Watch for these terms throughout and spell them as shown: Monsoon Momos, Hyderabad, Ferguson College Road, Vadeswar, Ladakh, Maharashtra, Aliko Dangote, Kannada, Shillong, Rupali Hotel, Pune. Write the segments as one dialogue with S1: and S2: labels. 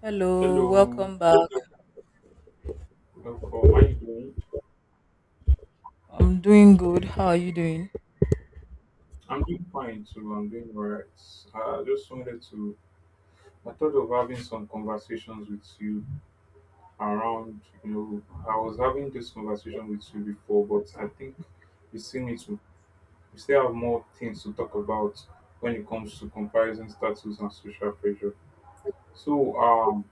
S1: Hello,
S2: Hello,
S1: welcome back.
S2: welcome. How you doing?
S1: I'm doing good. How are you doing?
S2: I'm doing fine too. I'm doing alright. I just wanted to. I thought of having some conversations with you around. You know, I was having this conversation with you before, but I think we still need to. we still have more things to talk about when it comes to comparison status and social pressure. So,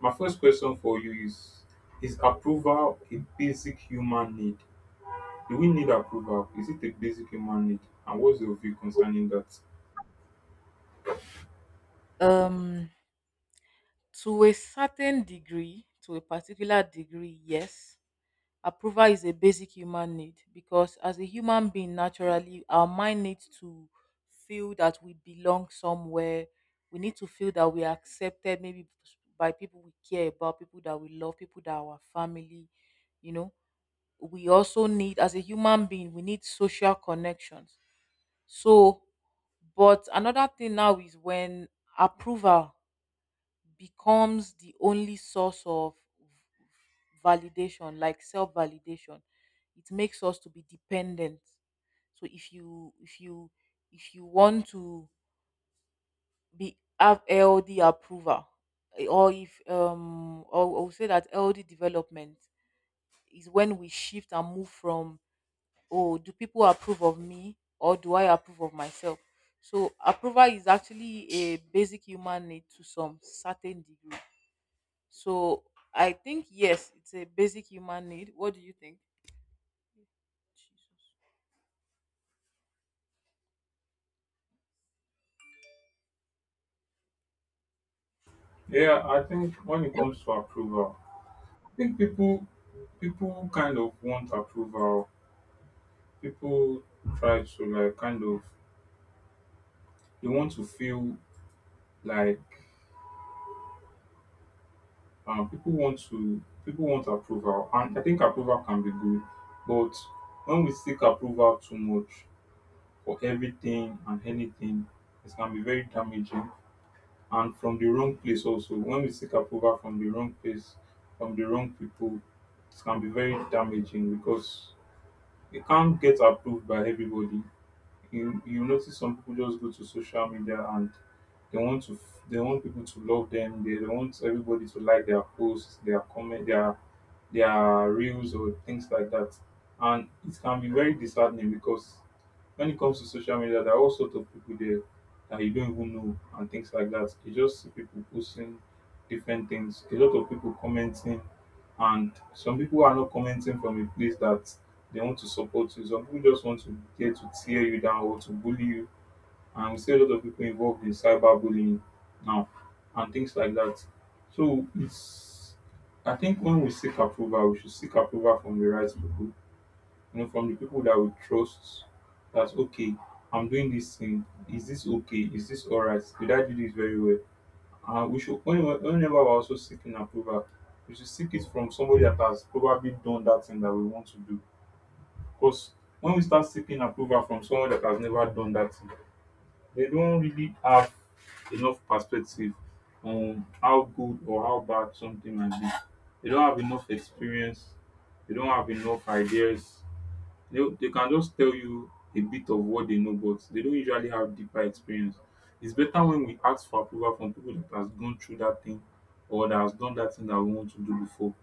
S2: my first question for you is approval a basic human need? Do we need approval? Is it a basic human need? And what's your view concerning that?
S1: Um, to a certain degree, to a particular degree, yes, approval is a basic human need because as a human being, naturally, our mind needs to feel that we belong somewhere. We need to feel that we are accepted, maybe by people we care about, people that we love, people that are our family. You know, we also need, as a human being, we need social connections. So, but another thing now is when approval becomes the only source of validation, like self validation, it makes us to be dependent. So if you if you want to be have LD approval, eh, or if or I would say that LD development is when we shift and move from, oh, do people approve of me or do I approve of myself? So, approval is actually a basic human need to some certain degree. So, I think, yes, it's a basic human need. What do you think? Jesus.
S2: Yeah, I think when it comes to approval, I think people kind of want approval. People try to like kind of they want to feel like people want to people want approval, and I think approval can be good, but when we seek approval too much for everything and anything, it can be very damaging and from the wrong place. Also, when we seek approval from the wrong place, from the wrong people, it can be very damaging because you can't get approved by everybody. You notice some people just go to social media and they want people to love them. They want everybody to like their posts, their comment, their reels or things like that. And it can be very disheartening because when it comes to social media, there are all sorts of people there that you don't even know and things like that. You just see people posting different things, a lot of people commenting, and some people are not commenting from a place that they want to support you. Some people just want to get to tear you down or to bully you, and we see a lot of people involved in cyberbullying now and things like that. So it's I think when we seek approval, we should seek approval from the right people, you know, from the people that we trust. That's okay. I'm doing this thing. Is this okay? Is this alright? Did I do this very well? Whenever we're also seeking approval, we should seek it from somebody that has probably done that thing that we want to do. Because when we start seeking approval from someone that has never done that thing, they don't really have enough perspective on how good or how bad something might be. They don't have enough experience. They don't have enough ideas. They can just tell you a bit of what they know, but they don't usually have deeper experience. It's better when we ask for approval from people that has gone through that thing or that has done that thing that we want to do before.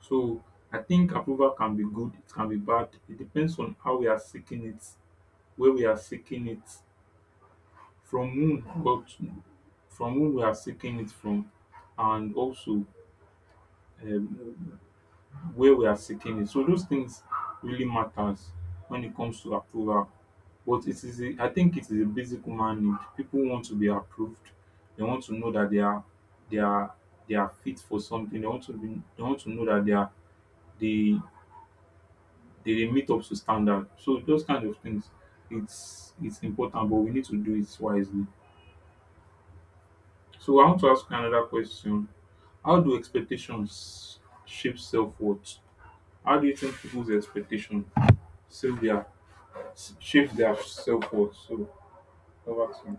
S2: So I think approval can be good, it can be bad. It depends on how we are seeking it, where we are seeking it, from whom, but from whom we are seeking it from, and also um, where we are seeking it. So those things really matters when it comes to approval. But it is, a, I think, it is a basic human need. People want to be approved. They want to know that they are, they are, they are fit for something. They want to know that they are, they, they meet up to standard. So those kind of things, it's important, but we need to do it wisely. So I want to ask you another question. How do expectations shape self worth? How do you think people's expectation shape their shape their self worth? So over to you.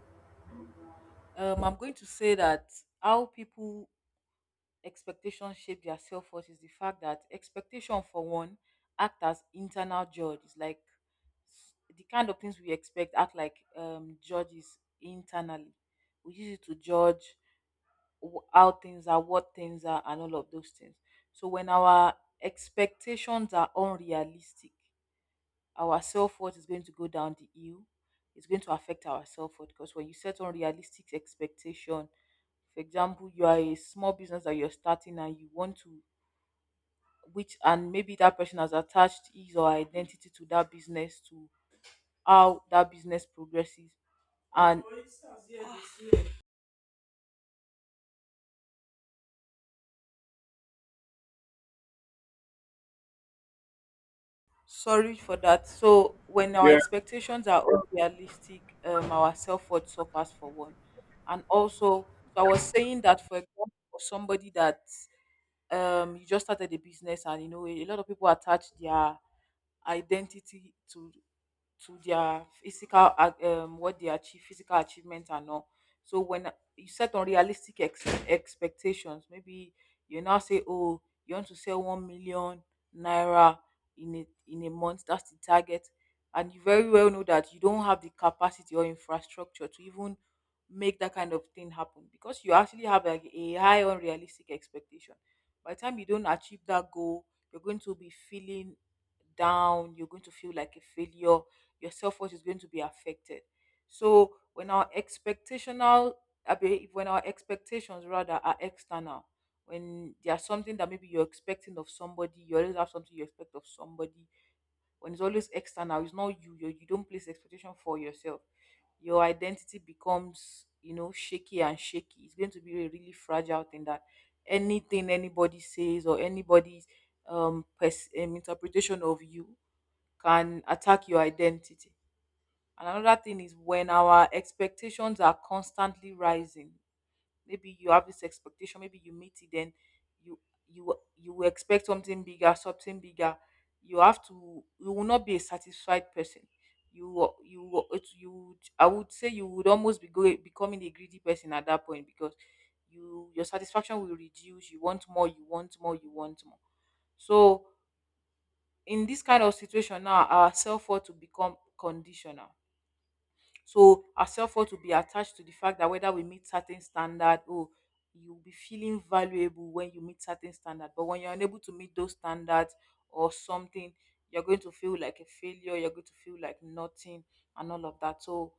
S1: I'm going to say that how people expectations shape their self worth is the fact that expectation, for one, act as internal judge. It's like the kind of things we expect act like judges internally. We use it to judge how things are, what things are, and all of those things. So when our expectations are unrealistic, our self worth is going to go down the hill. It's going to affect our self worth because when you set unrealistic expectation, for example, you are a small business that you're starting and you want to, which and maybe that person has attached his or her identity to that business, to how that business progresses, and sorry for that. So when our
S2: Yeah,
S1: expectations are unrealistic, our self-worth suffers for one. And also, so I was saying that for example, for somebody that you just started a business and you know a lot of people attach their identity to their what they achieve, physical achievement and all. So when you set unrealistic expectations, maybe you now say, oh, you want to sell 1 million naira in a month. That's the target, and you very well know that you don't have the capacity or infrastructure to even make that kind of thing happen because you actually have like a high unrealistic expectation. By the time you don't achieve that goal, you're going to be feeling down, you're going to feel like a failure, your self worth is going to be affected. So when our expectational, when our expectations rather are external, when there's something that maybe you're expecting of somebody, you always have something you expect of somebody. When it's always external, it's not you. You don't place expectation for yourself. Your identity becomes, you know, shaky and shaky. It's going to be a really fragile thing that anything anybody says or anybody's interpretation of you can attack your identity. And another thing is when our expectations are constantly rising. Maybe you have this expectation, maybe you meet it, then you you expect something bigger, something bigger. You have to, you will not be a satisfied person. You will- it- you would- I would say you would almost becoming a greedy person at that point because your satisfaction will reduce. You want more, you want more, you want more. So in this kind of situation now, our self worth to become conditional, so our self-worth will be attached to the fact that whether we meet certain standard. Oh, you'll be feeling valuable when you meet certain standard. But when you're unable to meet those standards or something, you're going to feel like a failure, you're going to feel like nothing and all of that. So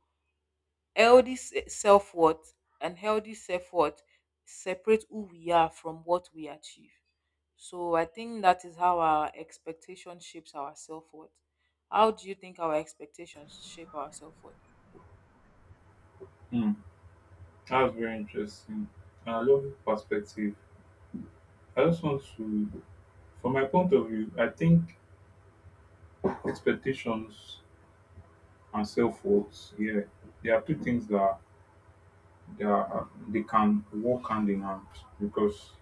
S1: healthy se- self-worth healthy self-worth separate who we are from what we achieve. So I think that is how our expectation shapes our self-worth. How do you think our expectations shape our self-worth?
S2: mm, that's very interesting. And I love your perspective. I just want to, from my point of view, I think expectations and self worth. Yeah, they are two things that they can work hand in hand, because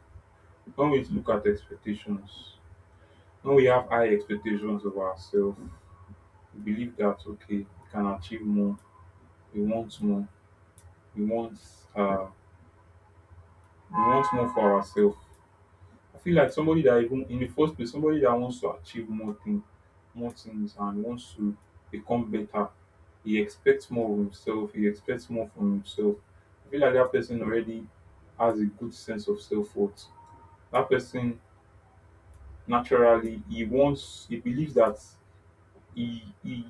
S2: when we look at expectations, when we have high expectations of ourselves, believe that okay, we can achieve more, we want more we want uh we want more for ourselves. I feel like somebody that, even in the first place, somebody that wants to achieve more things and wants to become better, he expects more from himself. I feel like that person already has a good sense of self-worth. That person, naturally, he wants, he believes that he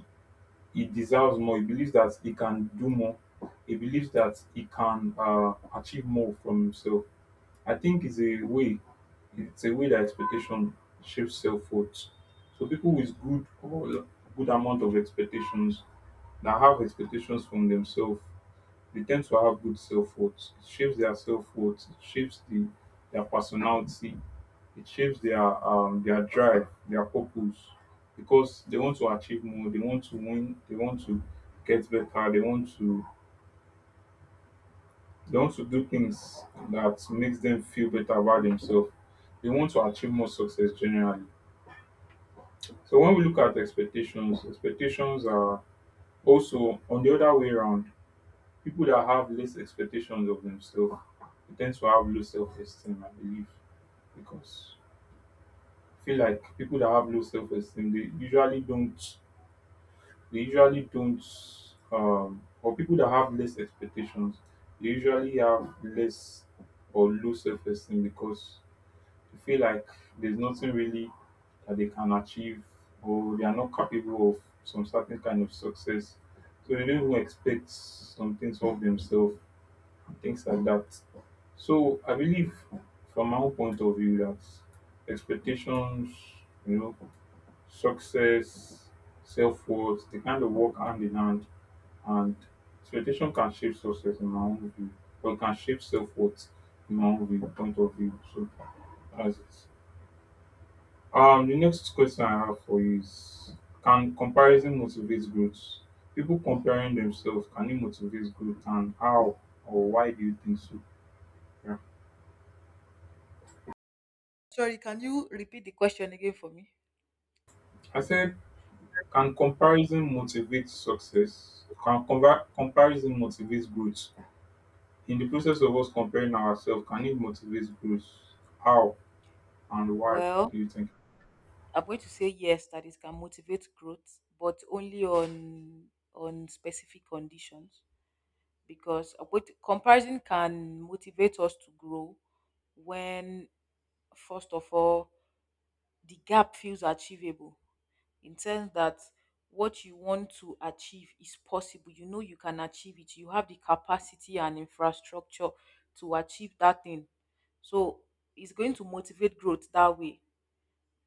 S2: he deserves more. He believes that he can do more. He believes that he can achieve more from himself. I think it's a way. It's a way that expectation shapes self-worth. So people with good amount of expectations, that have expectations from themselves, they tend to have good self-worth. It shapes their self-worth. Their personality. It shapes their drive, their purpose, because they want to achieve more. They want to win. Get better. They want to they want to do things that makes them feel better about themselves. They want to achieve more success generally. So when we look at expectations, expectations are also on the other way around. People that have less expectations of themselves, they tend to have low self esteem, I believe, because I feel like people that have low self esteem, they usually don't, or people that have less expectations, they usually have less or low self esteem because they feel like there's nothing really that they can achieve, or they are not capable of some certain kind of success. So they don't even expect some things of themselves, things like that. So I believe from my own point of view that expectations, you know, success, self worth, they kind of work hand in hand, and expectation can shape success in my own view, or it can shape self worth in my own view, point of view. So that's it. The next question I have for you is, can comparison motivate growth? People comparing themselves, can it motivate growth, and how or why do you think so? Yeah.
S1: Sorry, can you repeat the question again for me?
S2: I said, can comparison motivate success? Comparison motivate growth? In the process of us comparing ourselves, can it motivate growth? How and why
S1: Well,
S2: do you think?
S1: I'm going to say yes, that it can motivate growth, but only on specific conditions because with comparison can motivate us to grow when, first of all, the gap feels achievable, in sense that what you want to achieve is possible. You know, you can achieve it, you have the capacity and infrastructure to achieve that thing. So it's going to motivate growth that way.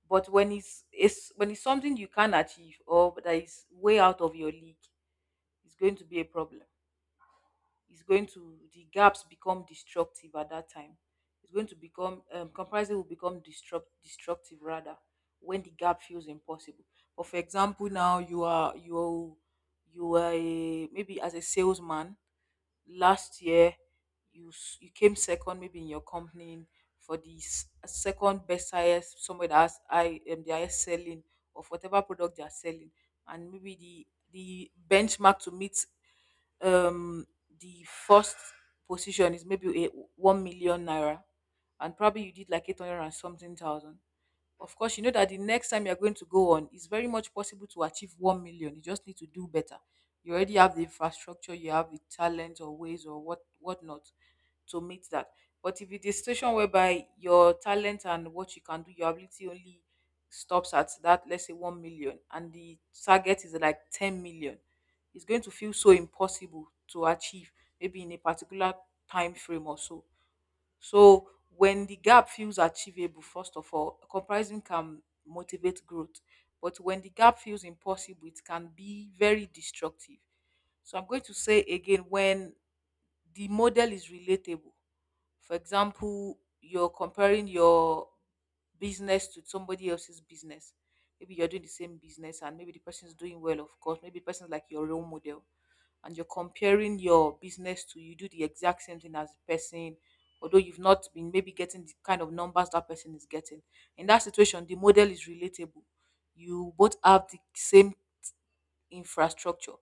S1: But when it's when it's something you can't achieve or that is way out of your league, it's going to be a problem. Is going to, the gaps become destructive at that time. It's going to become comparison will become destructive rather, when the gap feels impossible. But for example, now you were a, maybe as a salesman last year, you came second maybe in your company, for the second best highest somewhere that has I the highest selling of whatever product they are selling. And maybe the benchmark to meet um the first position is maybe a 1 million naira, and probably you did like 800 and something thousand. Of course you know that the next time you're going to go on, it's very much possible to achieve 1 million. You just need to do better. You already have the infrastructure, you have the talent or ways or what whatnot to meet that. But if it's a situation whereby your talent and what you can do, your ability only stops at that, let's say 1 million, and the target is like 10 million, it's going to feel so impossible to achieve, maybe in a particular time frame or so. So when the gap feels achievable, first of all, comparison can motivate growth. But when the gap feels impossible, it can be very destructive. So I'm going to say again, when the model is relatable. For example, you're comparing your business to somebody else's business. Maybe you're doing the same business and maybe the person is doing well, of course. Maybe the person is like your role model, and you're comparing your business to, you do the exact same thing as the person, although you've not been maybe getting the kind of numbers that person is getting. In that situation, the model is relatable. You both have the same infrastructure,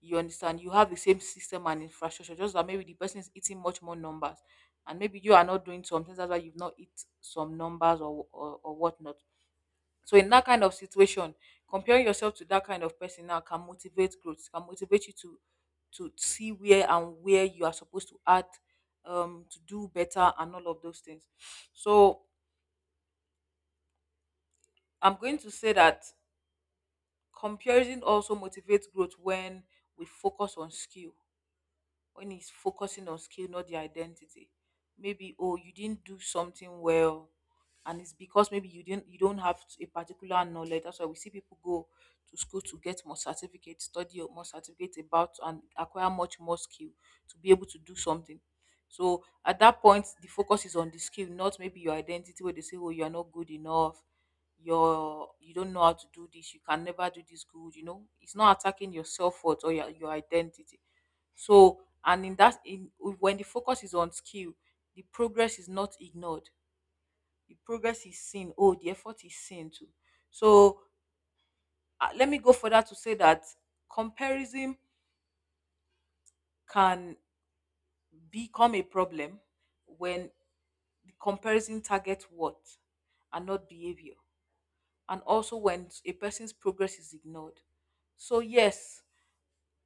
S1: you understand? You have the same system and infrastructure, just that maybe the person is eating much more numbers, and maybe you are not doing some things. That's why you've not eat some numbers or whatnot. So in that kind of situation, comparing yourself to that kind of person now can motivate growth, can motivate you to see where and where you are supposed to add to do better and all of those things. So I'm going to say that comparison also motivates growth when we focus on skill, when he's focusing on skill, not the identity. Maybe, oh, you didn't do something well, and it's because maybe you don't have a particular knowledge. That's why we see people go to school to get more certificate, study more certificate about, and acquire much more skill to be able to do something. So at that point, the focus is on the skill, not maybe your identity. Where they say, oh, you are not good enough. You don't know how to do this. You can never do this good. You know, it's not attacking your self worth or your identity. So, and in that, in when the focus is on skill, the progress is not ignored. The progress is seen. Oh, the effort is seen too. So let me go further to say that comparison can become a problem when the comparison targets what and not behavior, and also when a person's progress is ignored. So yes,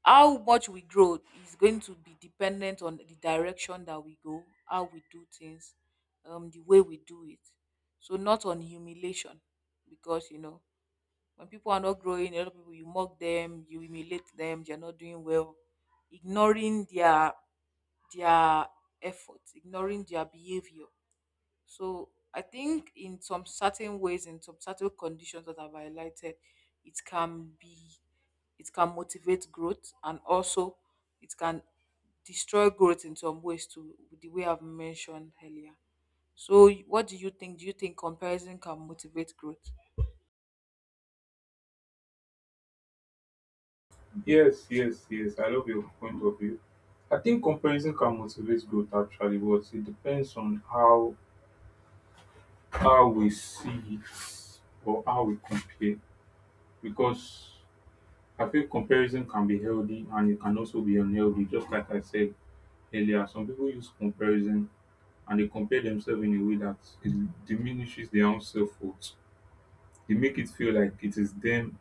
S1: how much we grow is going to be dependent on the direction that we go, how we do things, the way we do it. So not on humiliation, because you know, when people are not growing, a lot of people you mock them, you humiliate them, they're not doing well, ignoring their their efforts, ignoring their behavior. So I think in some certain ways, in some certain conditions that I've highlighted, it can be, it can motivate growth, and also it can destroy growth in some ways to the way I've mentioned earlier. So what do you think? Do you think comparison can motivate growth?
S2: Yes, yes, yes. I love your point of view. I think comparison can motivate growth actually, but it depends on how we see it or how we compare. Because I feel comparison can be healthy, and it can also be unhealthy. Just like I said earlier, some people use comparison and they compare themselves in a way that it diminishes their own self worth. They make it feel like it is them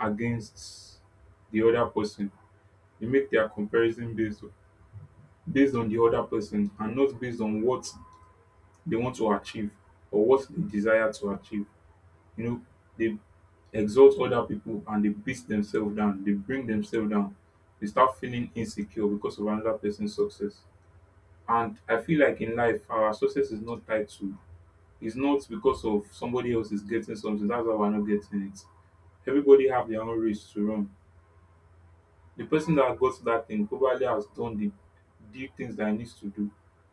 S2: against the other person. They make their comparison based on the other person, and not based on what they want to achieve or what they desire to achieve. You know, they exalt other people and they beat themselves down. They bring themselves down. They start feeling insecure because of another person's success. And I feel like in life, our success is not tied to. It's not because of somebody else is getting something, that's why we're not getting it. Everybody have their own race to run. The person that got that thing probably has done the deep things that he needs to do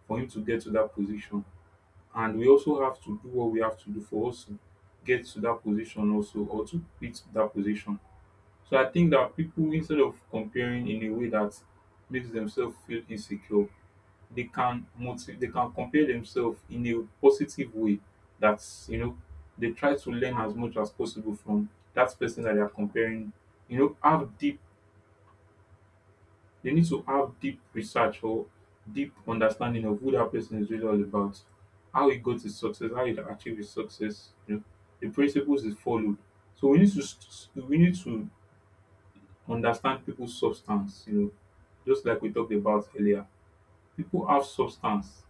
S2: for him to get to that position. And we also have to do what we have to do for us to get to that position also, or to beat that position. So I think that people, instead of comparing in a way that makes themselves feel insecure, they can compare themselves in a positive way. That's, you know, they try to learn as much as possible from that person that they are comparing. You know, have deep they need to have deep research or deep understanding of who that person is really all about, how he got his success, how he achieved his success, you know, the principles he followed. We need to understand people's substance, you know, just like we talked about earlier, people have substance.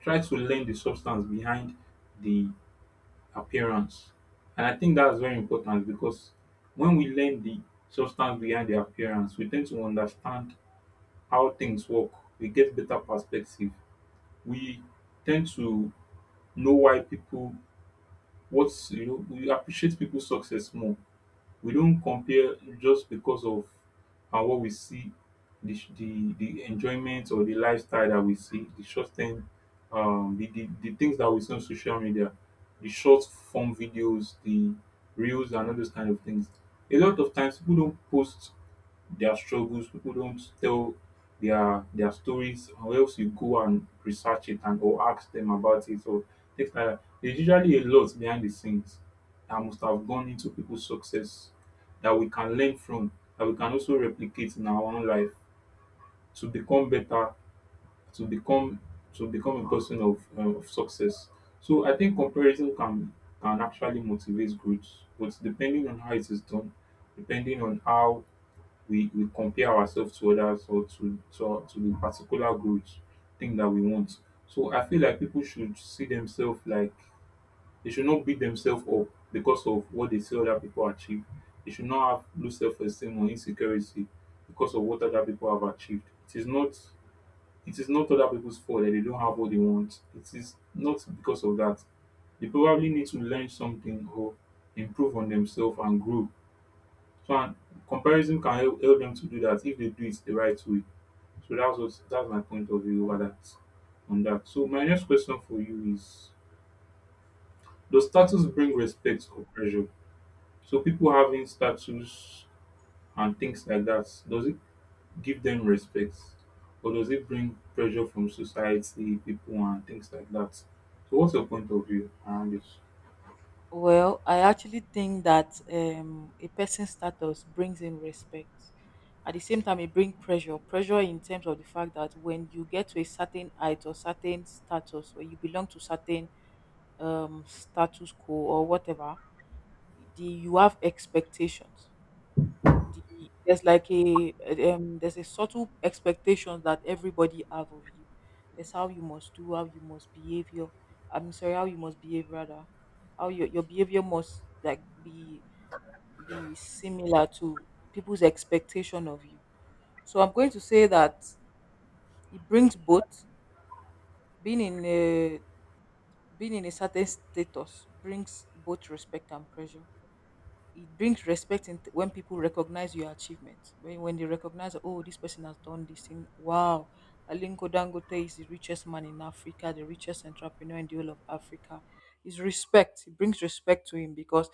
S2: Try to learn the substance behind the appearance. And I think that's very important because when we learn the substance behind the appearance, we tend to understand how things work. We get better perspective. We tend to know why people, what's, you know, we appreciate people's success more. We don't compare just because of and what we see, the enjoyment or the lifestyle that we see, the short term, the things that we see on social media, the short form videos, the reels and all those kind of things. A lot of times people don't post their struggles. People don't tell their stories unless you go and research it, and or ask them about it, or things like that. There's usually a lot behind the scenes that must have gone into people's success that we can learn from, that we can also replicate in our own life to become better, to become to become a person of success. So I think comparison can actually motivate growth, but depending on how it is done, depending on how we compare ourselves to others or to to the particular growth thing that we want. So I feel like people should see themselves, like they should not beat themselves up because of what they see other people achieve. They should not have low self esteem or insecurity because of what other people have achieved. It is not other people's fault that they don't have what they want. It is not because of that. They probably need to learn something or improve on themselves and grow, and comparison can help them to do that if they do it the right way. So that's my point of view over that on that. So my next question for you is, does status bring respect or pressure? So people having status and things like that, does it give them respect? Or does it bring pressure from society, people and things like that? So what's your point of view around this?
S1: Well, I actually think that a person's status brings in respect. At the same time, it brings pressure. Pressure in terms of the fact that when you get to a certain height or certain status, or you belong to certain status quo or whatever, you have expectations the there's like a there's a subtle expectation that everybody have of you. That's how you must do, how you must behave your I'm sorry, how you must behave rather. How your behavior must like be similar to people's expectation of you. So I'm going to say that it brings both being in a being in a certain status brings both respect and pressure. It brings respect in when people recognize your achievements. When they recognize, oh, this person has done this thing. Wow, Alinko Dangote is the richest man in Africa, the richest entrepreneur in the whole of Africa. It's respect. It brings respect to him because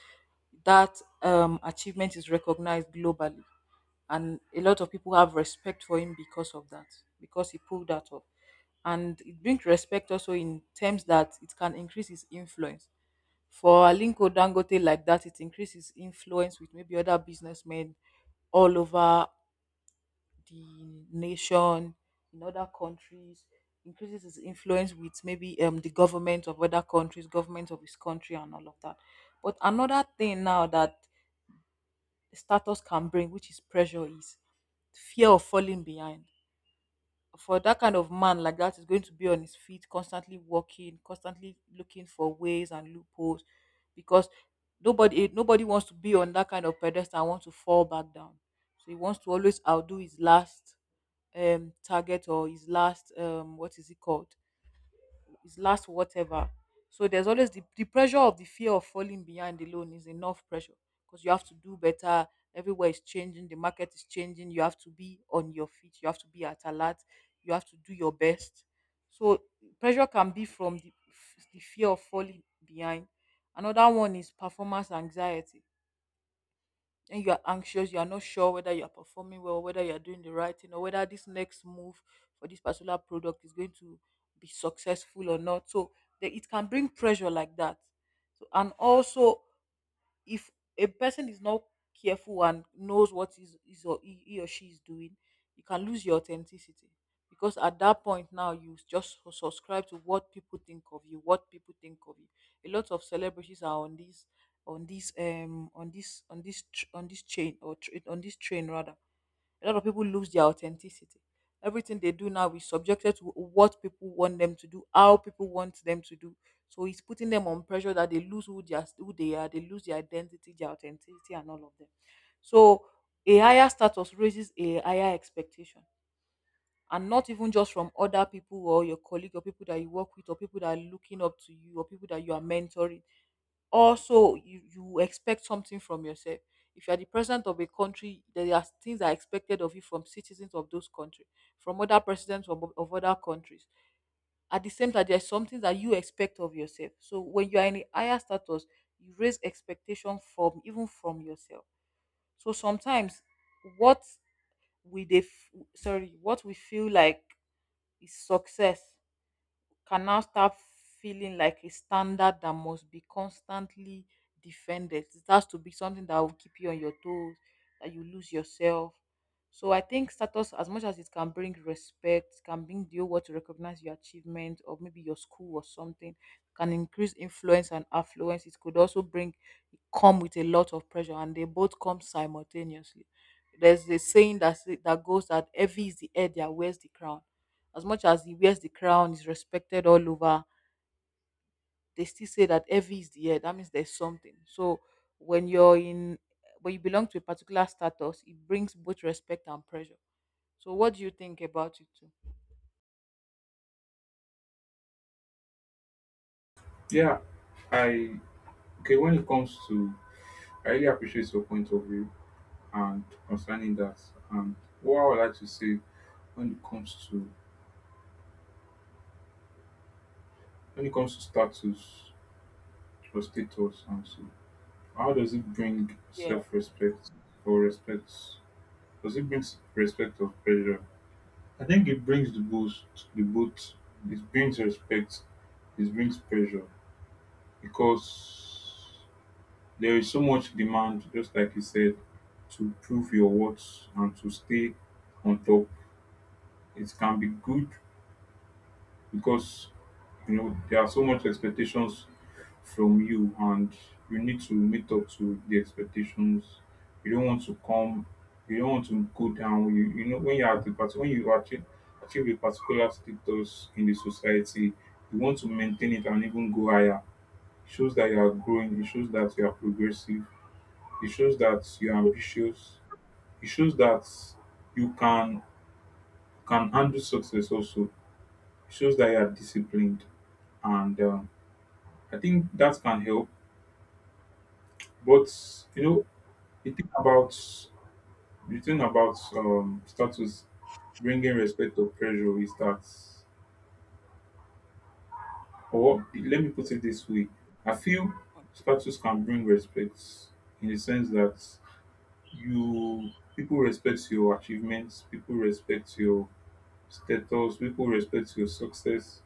S1: that achievement is recognized globally, and a lot of people have respect for him because of that, because he pulled that up. And it brings respect also in terms that it can increase his influence. For Alinko Dangote like that, it increases influence with maybe other businessmen all over the nation, in other countries. Increases his influence with maybe the government of other countries, government of his country, and all of that. But another thing now that status can bring, which is pressure, is fear of falling behind. For that kind of man like that is going to be on his feet, constantly working, constantly looking for ways and loopholes, because nobody wants to be on that kind of pedestal and want to fall back down. So he wants to always outdo his last target or his last what is it called, is last whatever. So there's always the pressure of the fear of falling behind alone is enough pressure, because you have to do better. Everywhere is changing, the market is changing. You have to be on your feet, you have to be at alert, you have to do your best. So pressure can be from the fear of falling behind. Another one is performance anxiety, and you are anxious, you are not sure whether you are performing well, whether you are doing the right thing, or whether this next move for this particular product is going to be successful or not. So it can bring pressure like that. So, and also if a person is not careful and knows what is or he or she is doing, you can lose your authenticity, because at that point now you just subscribe to what people think of you, what people think of you. A lot of celebrities are on on this chain or tr on this train rather, a lot of people lose their authenticity. Everything they do now is subjected to what people want them to do, how people want them to do. So it's putting them on pressure that they lose who they are, they lose their identity, their authenticity, and all of them. So a higher status raises a higher expectation, and not even just from other people or your colleague or people that you work with or people that are looking up to you or people that you are mentoring. Also you expect something from yourself. If you are the president of a country, there are things that are expected of you from citizens of those countries, from other presidents of other countries. At the same time, there's something that you expect of yourself. So when you are in a higher status, you raise expectation from even from yourself. So sometimes what sorry, what we feel like is success can now start feeling like a standard that must be constantly defended. It has to be something that will keep you on your toes, that you lose yourself. So I think status, as much as it can bring respect, can bring the whole world to recognize your achievement or maybe your school or something, can increase influence and affluence. It could also bring come with a lot of pressure, and they both come simultaneously. There's a saying that that goes that heavy is the head that wears the crown. As much as he wears the crown, is respected all over, they still say that heavy is the head. That means there's something. So when you're in, when you belong to a particular status, it brings both respect and pressure. So what do you think about it too?
S2: Yeah. I Okay, when it comes to— I really appreciate your point of view and concerning that. And what I would like to say, when it comes to— when it comes to status, or status— and so how does it bring
S1: Yeah.
S2: self-respect or respect, does it bring respect or pressure? I think it brings the both. the both it brings respect, it brings pressure, because there is so much demand, just like you said, to prove your worth and to stay on top. It can be good, because you know, there are so much expectations from you, and you need to meet up to the expectations. You don't want to come— you don't want to go down. You know, when you are at the part, when you achieve a particular status in the society, you want to maintain it and even go higher. It shows that you are growing. It shows that you are progressive. It shows that you are ambitious. It shows that you can handle success. Also, it shows that you are disciplined, and I think that can help. But you know, the thing about the thing about status bringing respect or pressure is that— or let me put it this way, I feel status can bring respect in the sense that you people respect your achievements, people respect your status, people respect your success,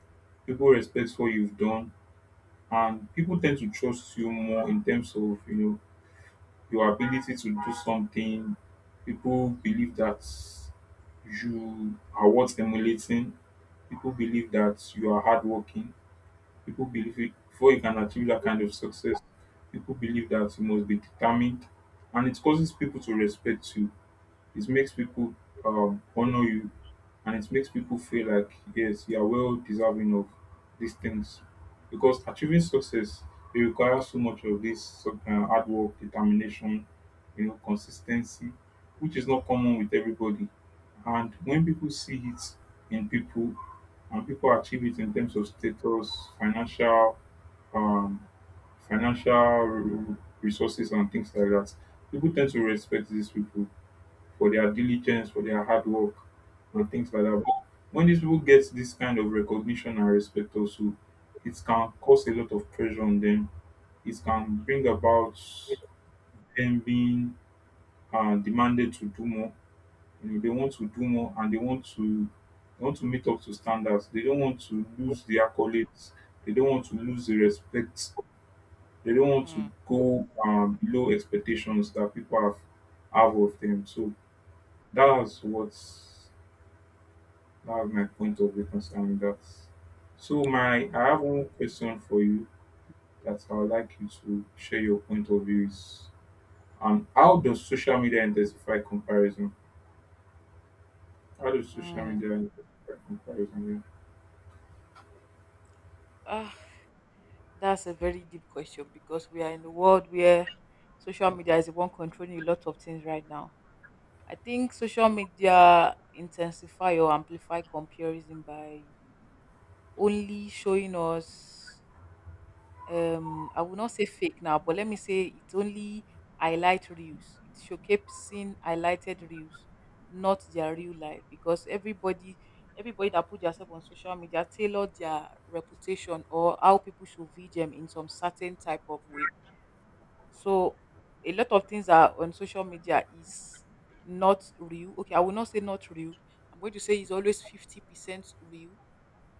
S2: people respect what you've done, and people tend to trust you more in terms of, you know, your ability to do something. People believe that you are worth emulating. People believe that you are hardworking. People believe it— before you can achieve that kind of success, people believe that you must be determined, and it causes people to respect you. It makes people honor you, and it makes people feel like yes, you are well deserving of these things, because achieving success, it requires so much of hard work, determination, you know, consistency, which is not common with everybody. And when people see it in people, and people achieve it in terms of status, financial— um financial re- resources and things like that, people tend to respect these people for their diligence, for their hard work, and things like that. But when these people get this kind of recognition and respect, also, it can cause a lot of pressure on them. It can bring about them being demanded to do more. You know, they want to do more, and they want to meet up to standards. They don't want to lose the accolades. They don't want to lose the respect. They don't want to
S1: Mm.
S2: go below expectations that people have of them. So that's what's I have my point of view concerning that. So my
S1: Wow.
S2: I have one question for you that I would like you to share your point of views. How does social media intensify comparison? How does social
S1: Mm.
S2: media intensify comparison?
S1: Ah, that's a very deep question, because we are in the world where social media is the one controlling a lot of things right now. I think social media intensify or amplify comparison by only showing us I will not say fake now, but let me say it's only highlight reels, it's showcasing highlighted reels, not their real life, because everybody that put themselves on social media tailor their reputation or how people should view them in some certain type of way. So a lot of things are on social media is not real. Okay, I will not say not real, I'm going to say it's always 50% real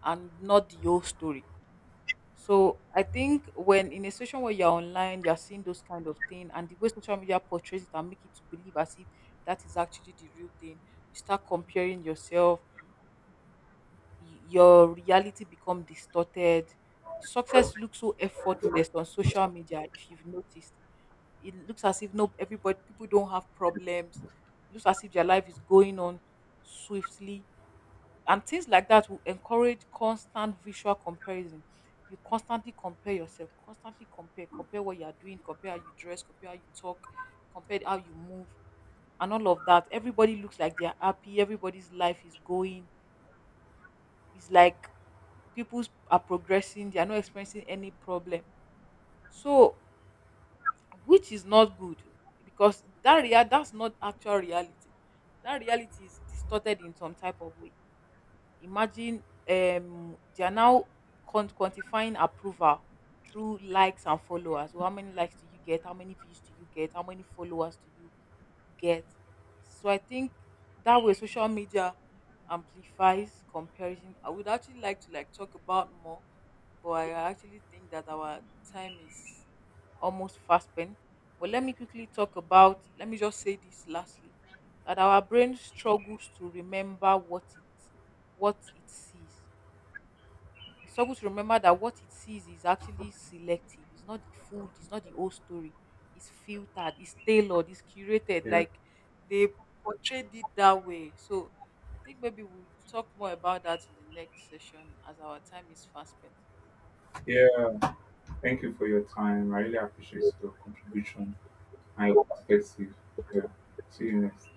S1: and not the whole story. So I think when in a situation where you're online, you're seeing those kind of thing, and the way social media portrays it and make it to believe as if that is actually the real thing, you start comparing yourself, your reality become distorted. Success looks so effortless on social media. If you've noticed, it looks as if no, everybody, people don't have problems. It looks as if their life is going on swiftly, and things like that will encourage constant visual comparison. You constantly compare yourself, constantly compare what you are doing, compare how you dress, compare how you talk, compare how you move, and all of that. Everybody looks like they are happy, everybody's life is going, it's like people are progressing, they are not experiencing any problem. So which is not good, because that's not actual reality, that reality is distorted in some type of way. Imagine they are now quantifying approval through likes and followers. So how many likes do you get? How many views do you get? How many followers do you get? So I think that way social media amplifies comparison. I would actually like to like talk about more, but I actually think that our time is almost fast spent. But let me quickly talk about, let me just say this lastly, that our brain struggles to remember what it sees. We struggle to remember that what it sees is actually selective. It's not the food, it's not the whole story. It's filtered, it's tailored, it's curated.
S2: Yeah,
S1: Like they portrayed it that way. So I think maybe we'll talk more about that in the next session, as our time is fast spent.
S2: yeah. Thank you for your time. I really appreciate your contribution and your perspective. Yeah. See you next.